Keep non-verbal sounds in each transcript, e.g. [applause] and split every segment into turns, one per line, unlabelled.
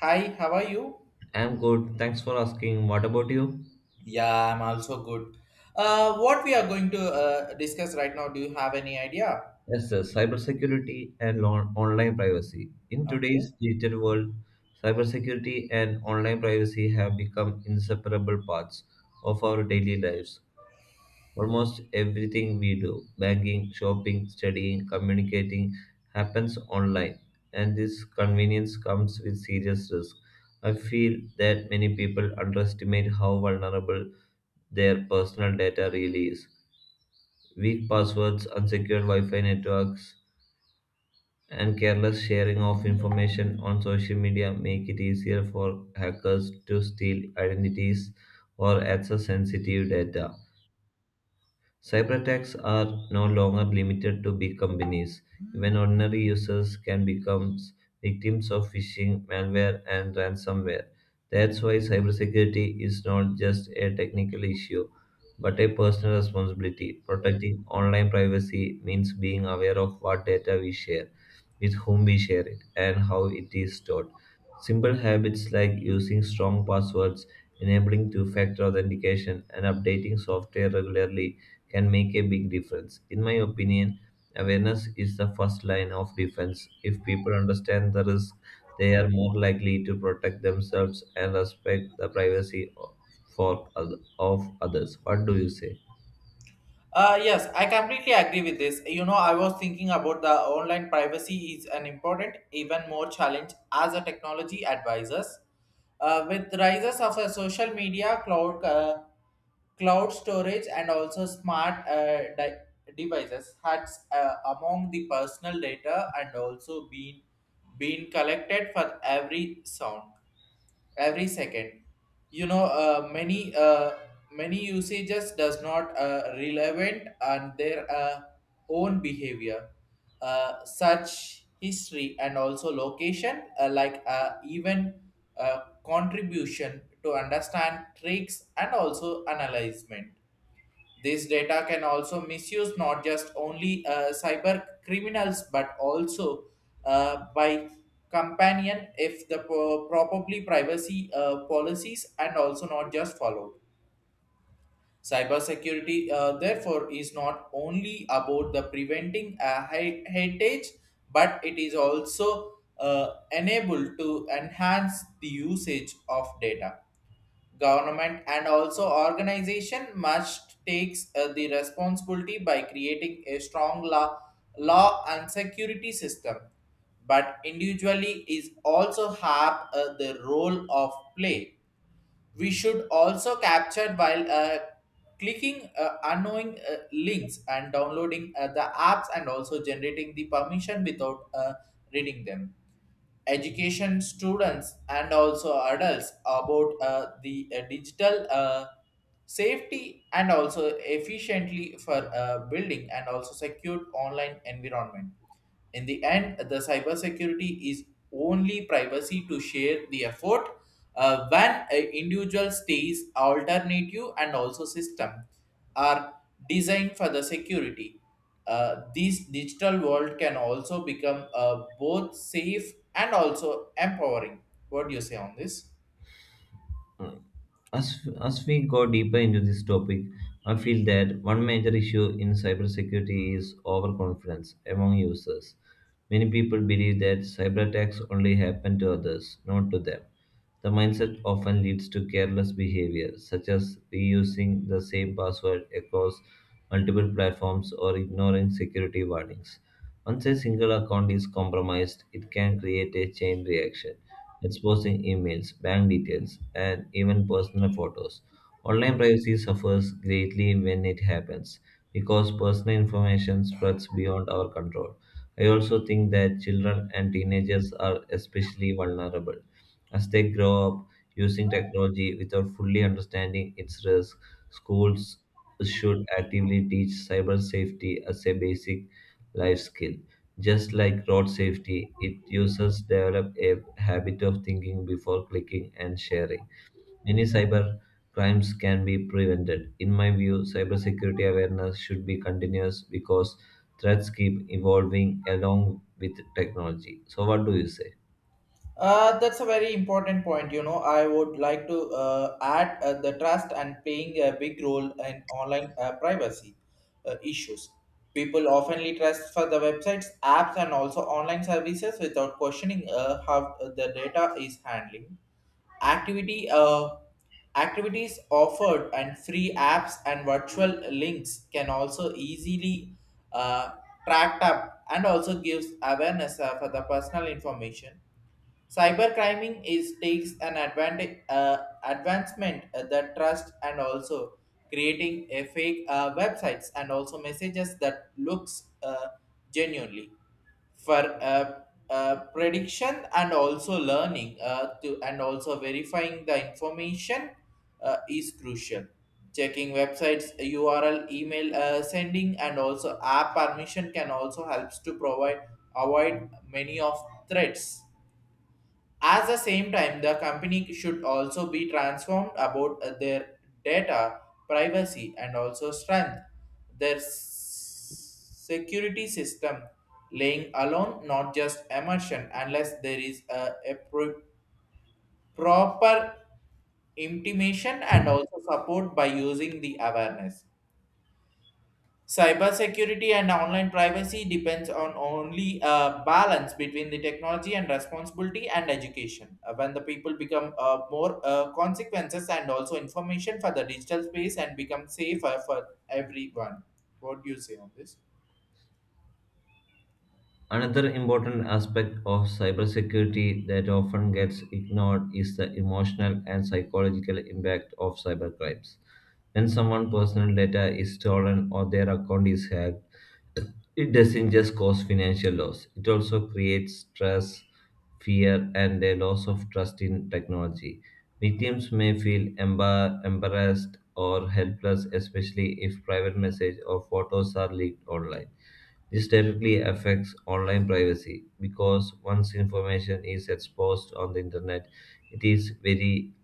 Hi, how are you?
I'm good. Thanks for asking. What about you?
Yeah, I'm also good. What we are going to discuss right now, do you have any idea?
Yes, sir. Cybersecurity and online privacy. In
Okay.
today's digital world, cybersecurity and online privacy have become inseparable parts of our daily lives. Almost everything we do, banking, shopping, studying, communicating, happens online, and this convenience comes with serious risk. I feel that many people underestimate how vulnerable their personal data really is. Weak passwords, unsecured Wi Fi networks, and careless sharing of information on social media make it easier for hackers to steal identities or access sensitive data. Cyber attacks are no longer limited to big companies. Even ordinary users can become victims of phishing, malware, and ransomware. That's why cybersecurity is not just a technical issue, but a personal responsibility. Protecting online privacy means being aware of what data we share, with whom we share it, and how it is stored. Simple habits like using strong passwords, enabling two factor authentication, and updating software regularly can make a big difference. In my opinion, awareness is the first line of defense. If people understand the risk, they are more likely to protect themselves and respect the privacy of others. What do you say?
Yes, I completely agree with this. You know, I was thinking about the online privacy is an important, even more challenge as a technology advisors. With rises of a social media, cloud, cloud storage, and also smart devices, has among the personal data and also been collected for every sound every second, you know, many many usages does not relevant and their own behavior, such history and also location, like, even, uh, contribution to understand tricks and also analyzement. This data can also misuse not just only cyber criminals but also by companion if the properly privacy policies and also not just followed. Cybersecurity, therefore, is not only about the preventing a heritage, but it is also enabled to enhance the usage of data. Government and also organization must takes the responsibility by creating a strong law and security system, but individually is also have the role of play. We should also capture while clicking unknowing links and downloading the apps and also generating the permission without reading them. Education students and also adults about the digital safety and also efficiently for building and also secure online environment. In the end, the cybersecurity is only privacy to share the effort, when an individual stays alternative and also system are designed for the security. This digital world can also become both safe and also empowering. What do you say on this?
As we go deeper into this topic, I feel that one major issue in cybersecurity is overconfidence among users. Many people believe that cyber attacks only happen to others, not to them. The mindset often leads to careless behavior, such as reusing the same password across multiple platforms or ignoring security warnings. Once a single account is compromised, it can create a chain reaction, exposing emails, bank details, and even personal photos. Online privacy suffers greatly when it happens because personal information spreads beyond our control. I also think that children and teenagers are especially vulnerable as they grow up using technology without fully understanding its risks. Schools should actively teach cyber safety as a basic life skill. Just like road safety, it users develop a habit of thinking before clicking and sharing. Many cyber crimes can be prevented. In my view, cybersecurity awareness should be continuous because threats keep evolving along with technology. So, what do you say?
That's a very important point. You know, I would like to add the trust and playing a big role in online privacy issues. People oftenly trust for the websites, apps, and also online services without questioning how the data is handling. Activity, activities offered and free apps and virtual links can also easily uh, tracked up and also gives awareness for the personal information. Cybercrime is takes an advantage, advancement the trust and also creating a fake websites and also messages that looks genuinely for uh, prediction and also learning to and also verifying the information is crucial. Checking websites url email sending and also app permission can also helps to provide avoid many of threats. At the same time, the company should also be transformed about their data privacy and also strength. Their security system laying alone, not just immersion, unless there is a proper intimation and also support by using the awareness. Cybersecurity and online privacy depends on only a balance between the technology and responsibility and education. When the people become more consequences and also information for the digital space and become safer for everyone. What do you say on this?
Another important aspect of cybersecurity that often gets ignored is the emotional and psychological impact of cybercrimes. When someone's personal data is stolen or their account is hacked, it doesn't just cause financial loss, it also creates stress, fear, and a loss of trust in technology. Victims may feel embarrassed or helpless, especially if private message or photos are leaked online. This directly affects online privacy because once information is exposed on the internet, it is very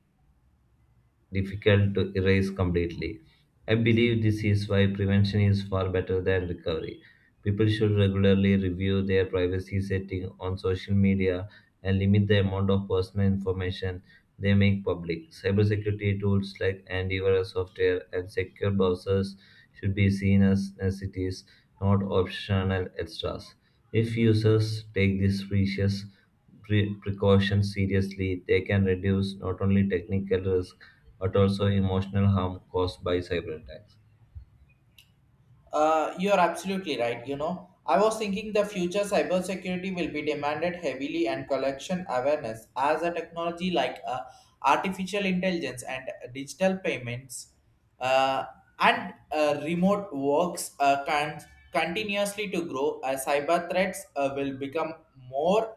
difficult to erase completely. I believe this is why prevention is far better than recovery. People should regularly review their privacy setting on social media and limit the amount of personal information they make public. Cybersecurity tools like antivirus software and secure browsers should be seen as necessities, not optional extras. If users take these precautions seriously, they can reduce not only technical risk but also emotional harm caused by cyber attacks.
You're absolutely right. You know, I was thinking the future cybersecurity will be demanded heavily and collection awareness as a technology like, artificial intelligence and digital payments, uh, and remote works can continuously to grow as cyber threats will become more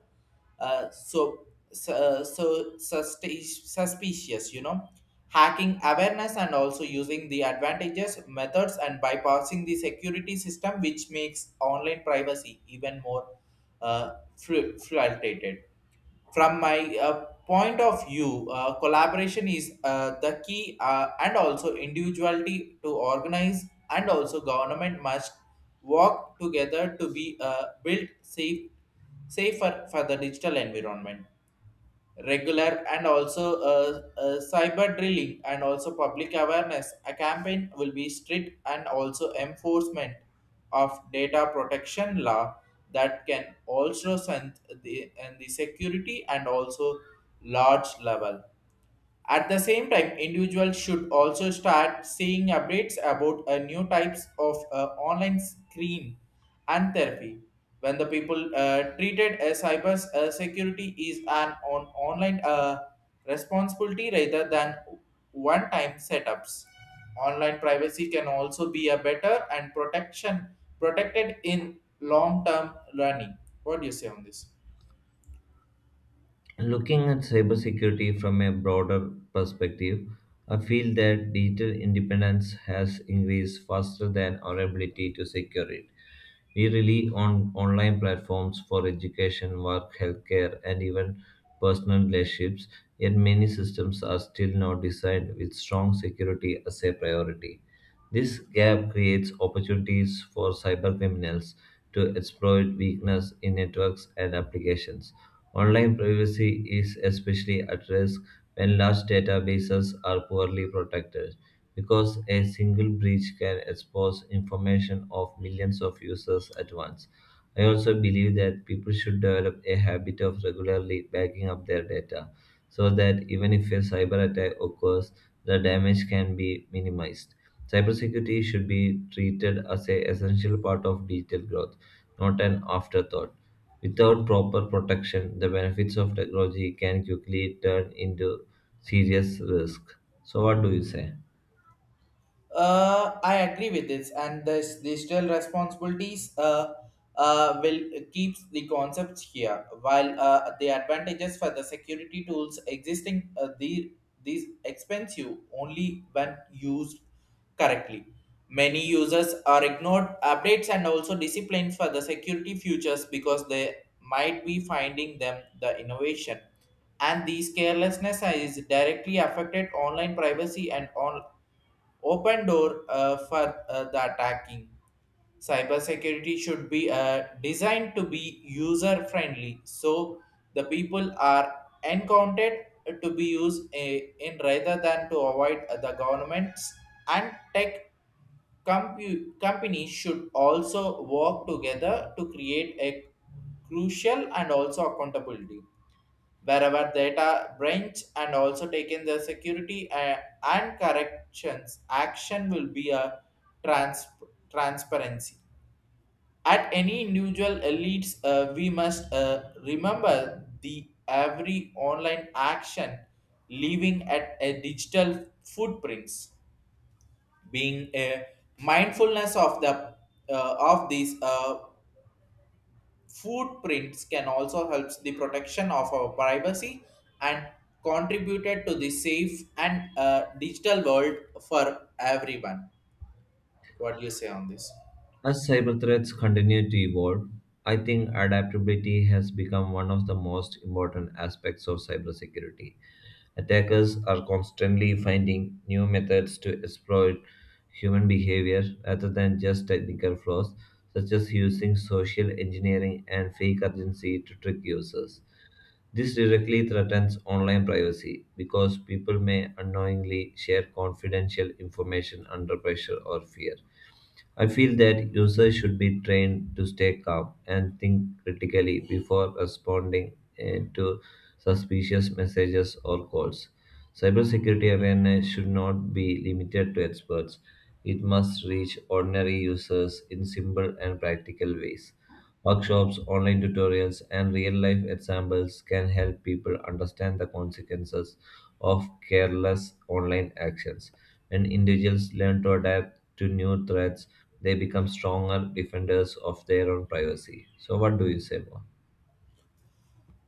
uh, so so suspicious, you know, hacking awareness and also using the advantages methods and bypassing the security system which makes online privacy even more fluctuated. From my point of view, collaboration is the key, and also individuality to organize, and also government must work together to be built safer for the digital environment. Regular and also cyber drilling and also public awareness a campaign will be strict and also enforcement of data protection law that can also strengthen and the security and also large level. At the same time, individuals should also start seeing updates about new types of online screen and therapy. When the people treated as cyber security is an on online responsibility rather than one-time setups. Online privacy can also be a better and protection protected in long-term learning. What do you say on this?
Looking at cybersecurity from a broader perspective, I feel that digital independence has increased faster than our ability to secure it. We rely on online platforms for education, work, healthcare, and even personal relationships, yet many systems are still not designed with strong security as a priority. This gap creates opportunities for cybercriminals to exploit weakness in networks and applications. Online privacy is especially at risk when large databases are poorly protected, because a single breach can expose information of millions of users at once. I also believe that people should develop a habit of regularly backing up their data so that even if a cyber attack occurs, the damage can be minimized. Cybersecurity should be treated as an essential part of digital growth, not an afterthought. Without proper protection, the benefits of technology can quickly turn into serious risk. So, what do you say?
I agree with this, and this digital responsibilities will keeps the concepts here, while the advantages for the security tools existing the these expensive only when used correctly. Many users are ignored updates and also disciplines for the security features because they might be finding them the innovation and these carelessness is directly affected online privacy and on open door for the attacking. Cybersecurity should be designed to be user friendly so the people are encountered to be used in rather than to avoid the governments and tech companies should also work together to create a crucial and also accountability wherever data branch and also taken the security and corrections action will be a trans- transparency at any individual elites. We must remember the every online action leaving at a digital footprints, being a mindfulness of the of these footprints can also help the protection of our privacy and contributed to the safe and digital world for everyone. What do you say on this?
As cyber threats continue to evolve, I think adaptability has become one of the most important aspects of cybersecurity. Attackers are constantly finding new methods to exploit human behavior rather than just technical flaws, such as using social engineering and fake urgency to trick users. This directly threatens online privacy because people may unknowingly share confidential information under pressure or fear. I feel that users should be trained to stay calm and think critically before responding to suspicious messages or calls. Cybersecurity awareness should not be limited to experts. It must reach ordinary users in simple and practical ways. Workshops, online tutorials, and real life examples can help people understand the consequences of careless online actions. When individuals learn to adapt to new threats, they become stronger defenders of their own privacy. So, what do you say more?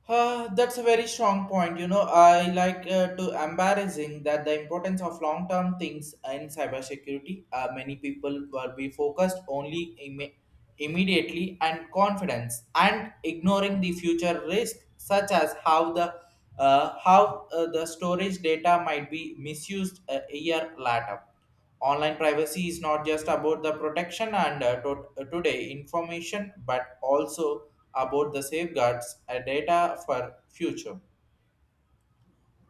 That's a very strong point. You know, I like to embarrassing that the importance of long-term things in cybersecurity. Many people will be focused only immediately and confidence and ignoring the future risk, such as how the, how the storage data might be misused a year later. Online privacy is not just about the protection and, today information, but also about the safeguards data for future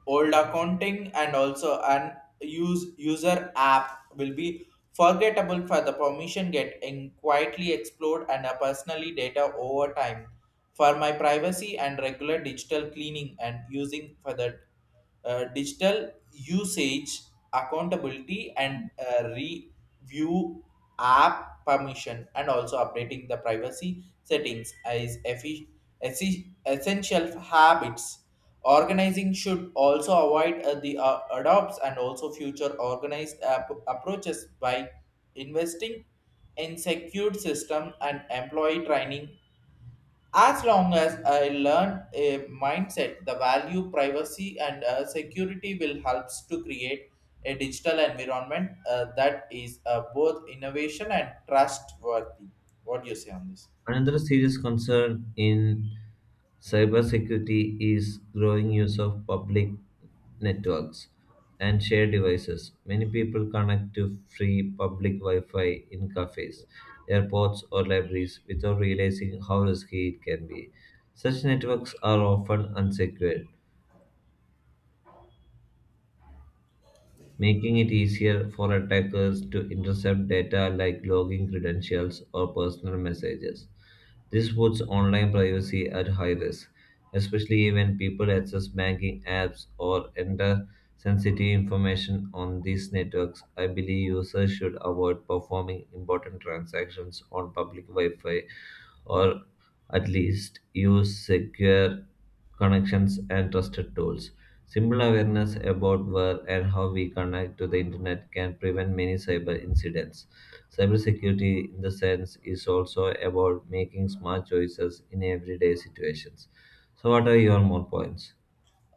old accounting and also an use user app will be forgettable for the permission get in quietly explored and a personally data over time. For my privacy and regular digital cleaning and using for the digital usage accountability and review app permission and also updating the privacy settings is essential habits. Organizing should also avoid the adopts and also future organized approaches by investing in secured system and employee training. As long as I learn a mindset, the value, privacy, and security will helps to create a digital environment that is both innovation and trustworthy. What do you say on this?
Another serious concern in cybersecurity is growing use of public networks and shared devices. Many people connect to free public Wi Fi in cafes, airports, or libraries without realizing how risky it can be. Such networks are often unsecured, making it easier for attackers to intercept data like login credentials or personal messages. This puts online privacy at high risk, especially when people access banking apps or enter sensitive information on these networks. I believe users should avoid performing important transactions on public Wi Fi or at least use secure connections and trusted tools. Simple awareness about where and how we connect to the internet can prevent many cyber incidents. Cybersecurity, in the sense, is also about making smart choices in everyday situations. So, what are your more points?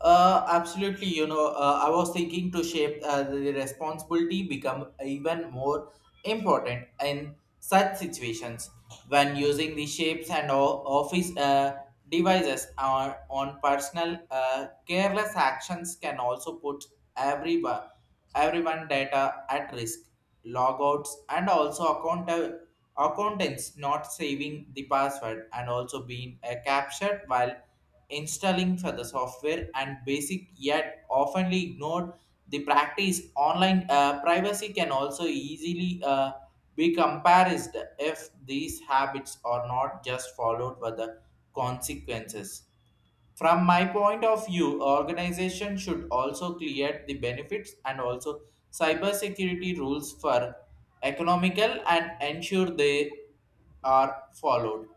Absolutely. You know, I was thinking to shape the responsibility become even more important in such situations. When using the shapes and office devices on personal careless actions can also put everyone everyone data at risk. Logouts and also account accountants not saving the password and also being captured while installing for the software and basic yet oftenly ignored the practice online privacy can also easily be compared if these habits are not just followed by the consequences. From my point of view, organization should also clear the benefits and also cybersecurity rules for economical and ensure they are followed.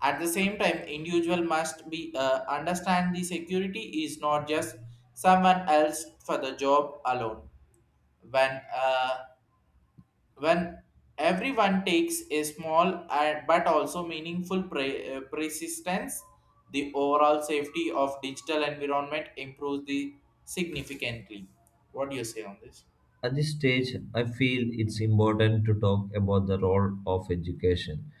At the same time, individual must be understand the security is not just someone else for the job alone. When uh, when everyone takes a small and but also meaningful persistence, the overall safety of digital environment improves the significantly. What do you say on this?
At this stage, I feel it's important to talk about the role of education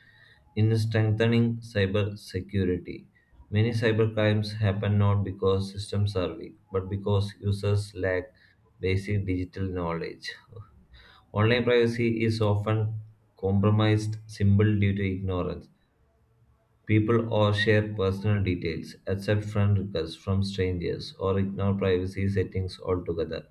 in strengthening cyber security. Many cybercrimes happen not because systems are weak, but because users lack basic digital knowledge. Online privacy is often compromised simply due to ignorance. People or share personal details, accept friend requests from strangers, or ignore privacy settings altogether.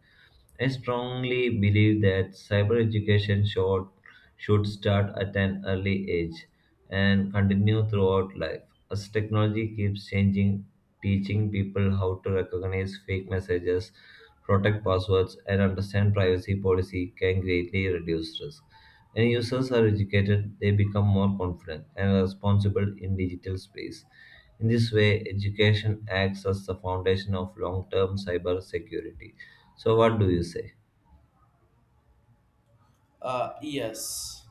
I strongly believe that cyber education should start at an early age and continue throughout life. As technology keeps changing, teaching people how to recognize fake messages, protect passwords, and understand privacy policy can greatly reduce risk. When users are educated, they become more confident and responsible in digital space. In this way, education acts as the foundation of long-term cyber security. So what do you say?
Yes.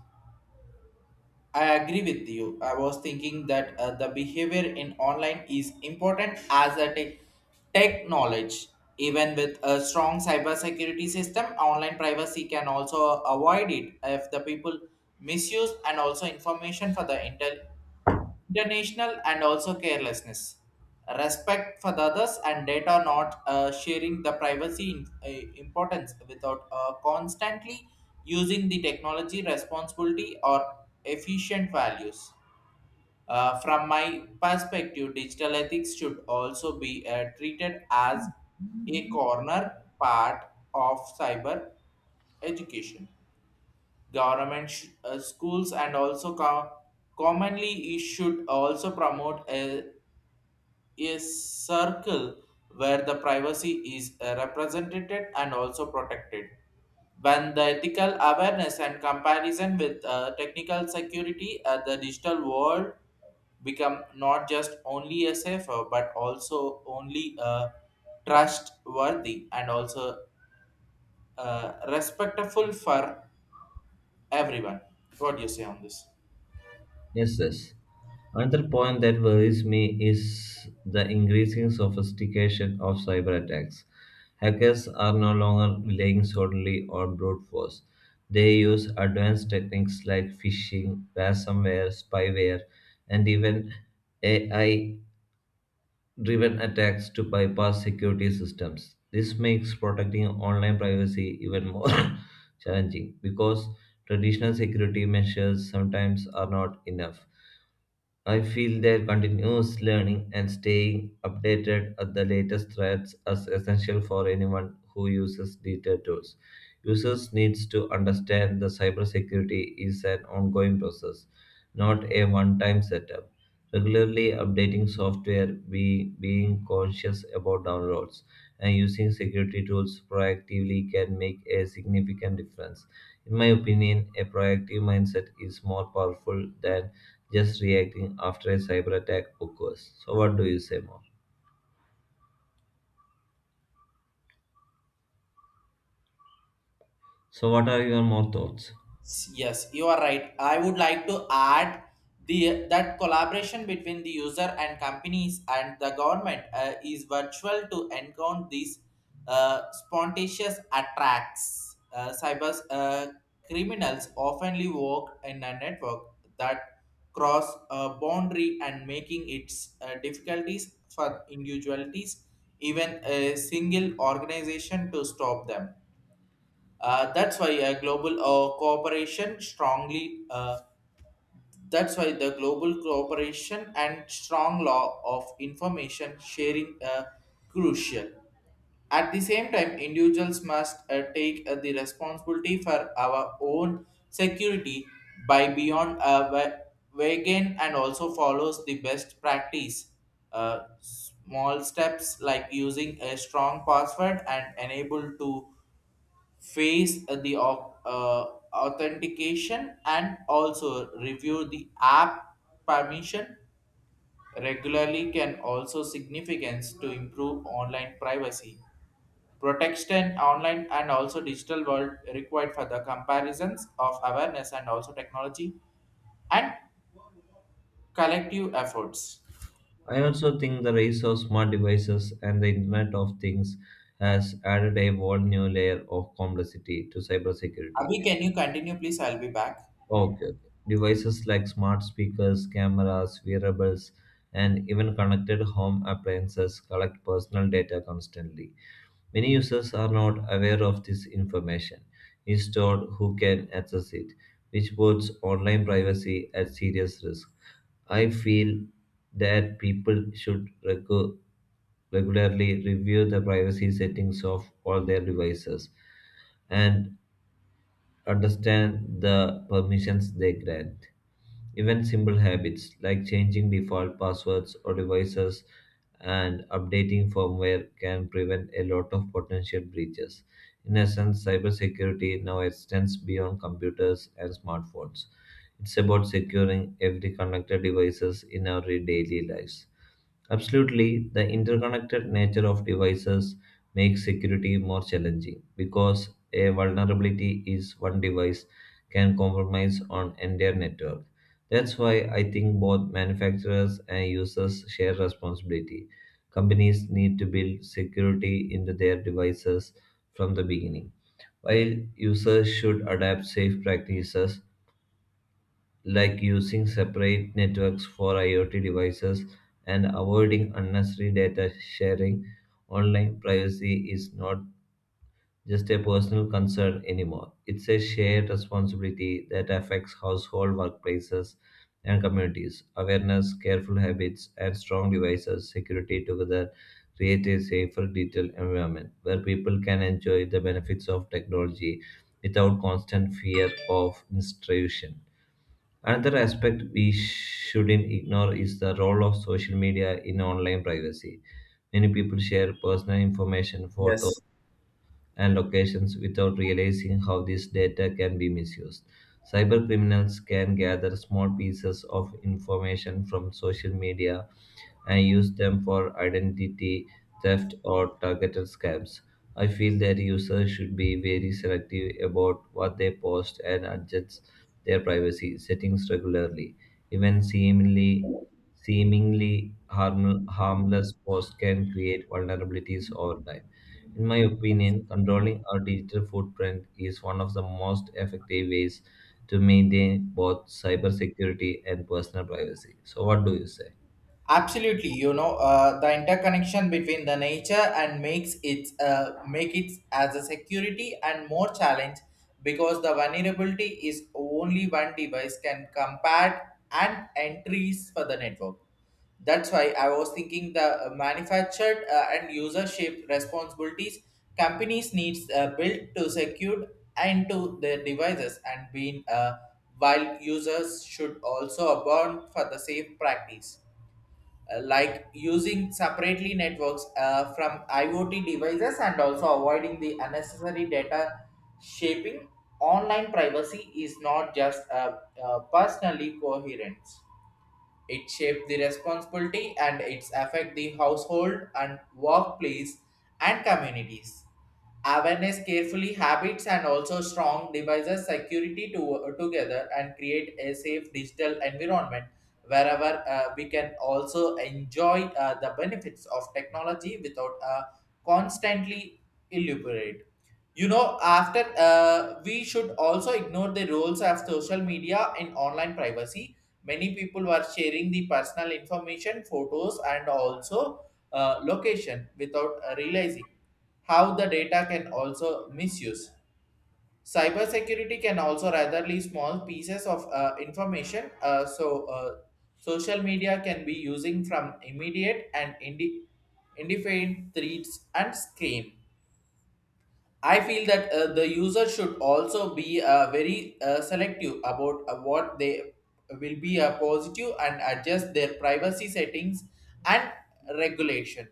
I agree with you. I was thinking that the behavior in online is important as a tech knowledge. Even with a strong cybersecurity system, online privacy can also avoid it if the people misuse and also information for the intel International and also carelessness. Respect for the others and data not sharing the privacy in, importance without constantly using the technology responsibility or efficient values. From my perspective, digital ethics should also be treated as a corner part of cyber education. Government schools and also commonly it should also promote a circle where the privacy is represented and also protected. When the ethical awareness and comparison with technical security at the digital world become not just only a safer but also only a trustworthy and also respectful for everyone. What do you say on this?
Yes, yes. Another point that worries me is the increasing sophistication of cyber attacks. Hackers are no longer relying solely on brute force. They use advanced techniques like phishing, ransomware, spyware, and even AI driven attacks to bypass security systems. This makes protecting online privacy even more [coughs] challenging because traditional security measures sometimes are not enough. I feel that continuous learning and staying updated at the latest threats is essential for anyone who uses digital tools. Users needs to understand that cybersecurity is an ongoing process, not a one-time setup. Regularly updating software, being conscious about downloads, and using security tools proactively can make a significant difference. In my opinion, a proactive mindset is more powerful than just reacting after a cyber attack occurs. So, what do you say more? So, what are your more thoughts?
Yes, you are right. I would like to add the that collaboration between the user and companies and the government is virtual to encounter these spontaneous attacks. Cyber criminals oftenly work in a network that cross a boundary and making its difficulties for individualities, even a single organization to stop them. Uh, that's why global cooperation strongly. That's why the global cooperation and strong law of information sharing are crucial. At the same time, individuals must take the responsibility for our own security by beyond vegan and also follows the best practice. Small steps like using a strong password and enable to face the authentication and also review the app permission regularly can also significance to improve online privacy protection online, and also digital world required for the comparisons of awareness and also technology and collective efforts.
I also think the rise of smart devices and the Internet of Things has added a whole new layer of complexity to cybersecurity.
Abhi, can you continue please? I'll be back.
Okay, okay. Devices like smart speakers, cameras, wearables, and even connected home appliances collect personal data constantly. Many users are not aware of this information is stored who can access it, which puts online privacy at serious risk. I feel that people should regularly review the privacy settings of all their devices and understand the permissions they grant. Even simple habits like changing default passwords or devices and updating firmware can prevent a lot of potential breaches. In essence, cybersecurity now extends beyond computers and smartphones. It's about securing every connected devices in our daily lives. Absolutely, the interconnected nature of devices makes security more challenging because a vulnerability is one device can compromise on entire network. That's why I think both manufacturers and users share responsibility. Companies need to build security into their devices from the beginning. While users should adapt safe practices, like using separate networks for IoT devices and avoiding unnecessary data sharing, online privacy is not just a personal concern anymore. It's a shared responsibility that affects household, workplaces, and communities. Awareness, careful habits, and strong devices security together create a safer digital environment where people can enjoy the benefits of technology without constant fear of intrusion. Another aspect we shouldn't ignore is the role of social media in online privacy. Many people share personal information, photos,
Yes.
and locations without realizing how this data can be misused. Cybercriminals can gather small pieces of information from social media and use them for identity theft or targeted scams. I feel that users should be very selective about what they post and adjust their privacy settings regularly. Even seemingly harmless posts can create vulnerabilities over time. In my opinion, controlling our digital footprint is one of the most effective ways to maintain both cybersecurity and personal privacy. So, what do you say?
Absolutely, the interconnection between the nature and make it as a security and more challenge, because the vulnerability is only one device can compare and entries for the network. That's why I was thinking the manufactured and user shaped responsibilities. Companies needs built to secure into their devices and being, while users should also abound for the safe practice, like using separately networks from IoT devices and also avoiding the unnecessary data shaping. Online privacy is not just personally coherent. It shapes the responsibility and its affect the household and workplace and communities. Awareness, carefully habits, and also strong devices security to, together and create a safe digital environment wherever we can also enjoy the benefits of technology without constantly elaborate. You know, after we should also ignore the roles of social media in online privacy. Many people were sharing the personal information, photos, and also location without realizing how the data can also misuse. Cybersecurity can also ratherly small pieces of information. So, social media can be using from immediate and indefinite threats and scam. I feel that the user should also be very selective about what they will be positive, and adjust their privacy settings and regulation.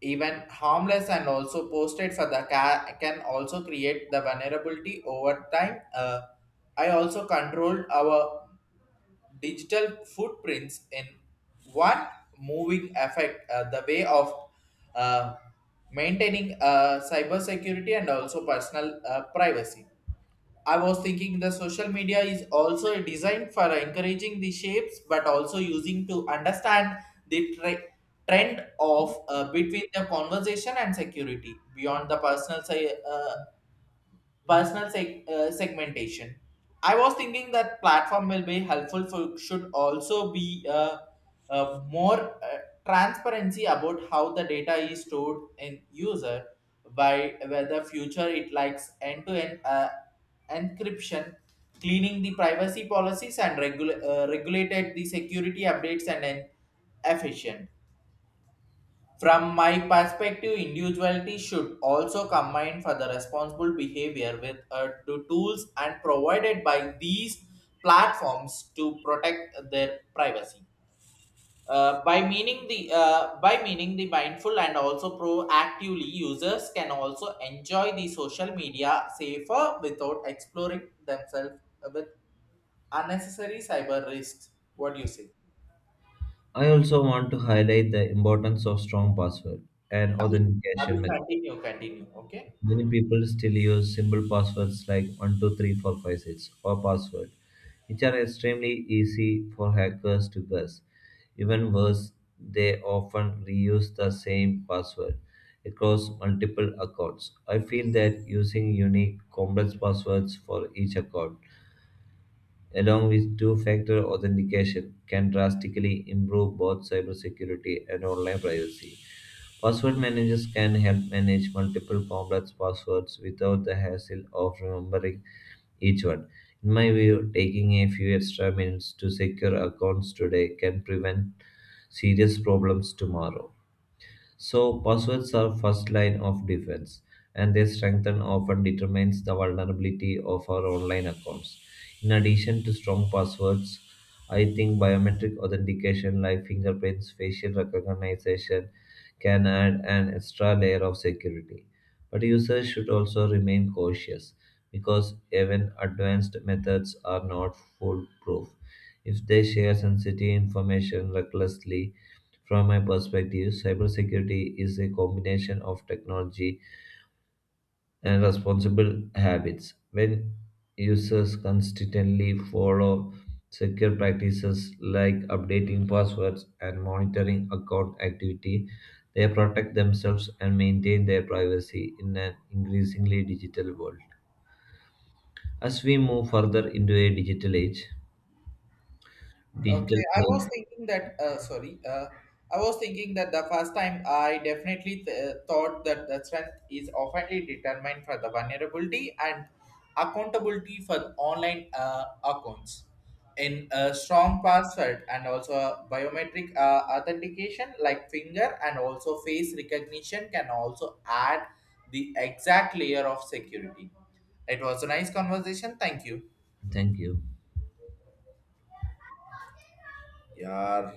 Even harmless and also posted for the can also create the vulnerability over time. I also controlled our digital footprints in one moving effect the way of uh, maintaining cybersecurity and also personal privacy. I was thinking the social media is also designed for encouraging the shapes, but also using to understand the trend of between the conversation and security beyond the segmentation. I was thinking that platform will be helpful for should also be more uh, transparency about how the data is stored in user by whether future it likes end to end encryption, cleaning the privacy policies and regulated the security updates and efficient. From my perspective, individuality should also combine for the responsible behavior with the tools and provided by these platforms to protect their privacy. By meaning the mindful and also proactively, users can also enjoy the social media safer without exploring themselves with unnecessary cyber risks. What do you say?
I also want to highlight the importance of strong password and
Abhi,
authentication methods.
continue. Okay.
Many people still use simple passwords like 123456 or password, which are extremely easy for hackers to guess. Even worse, they often reuse the same password across multiple accounts. I feel that using unique, complex passwords for each account, along with two factor authentication, can drastically improve both cybersecurity and online privacy. Password managers can help manage multiple complex passwords without the hassle of remembering each one. In my view, taking a few extra minutes to secure accounts today can prevent serious problems tomorrow. So passwords are first line of defense, and their strength and often determines the vulnerability of our online accounts. In addition to strong passwords, I think biometric authentication like fingerprints, facial recognition can add an extra layer of security. But users should also remain cautious because even advanced methods are not foolproof. If they share sensitive information recklessly, from my perspective, cybersecurity is a combination of technology and responsible habits. When users constantly follow secure practices like updating passwords and monitoring account activity, they protect themselves and maintain their privacy in an increasingly digital world. As we move further into a digital age, digital
Okay, I was
age,
thinking that, sorry, I was thinking that the first time I definitely thought that the strength is often determined for the vulnerability and accountability for the online accounts. In a strong password and also a biometric authentication like finger and also face recognition can also add the exact layer of security. It was a nice conversation. Thank you.
thank you.
Yeah.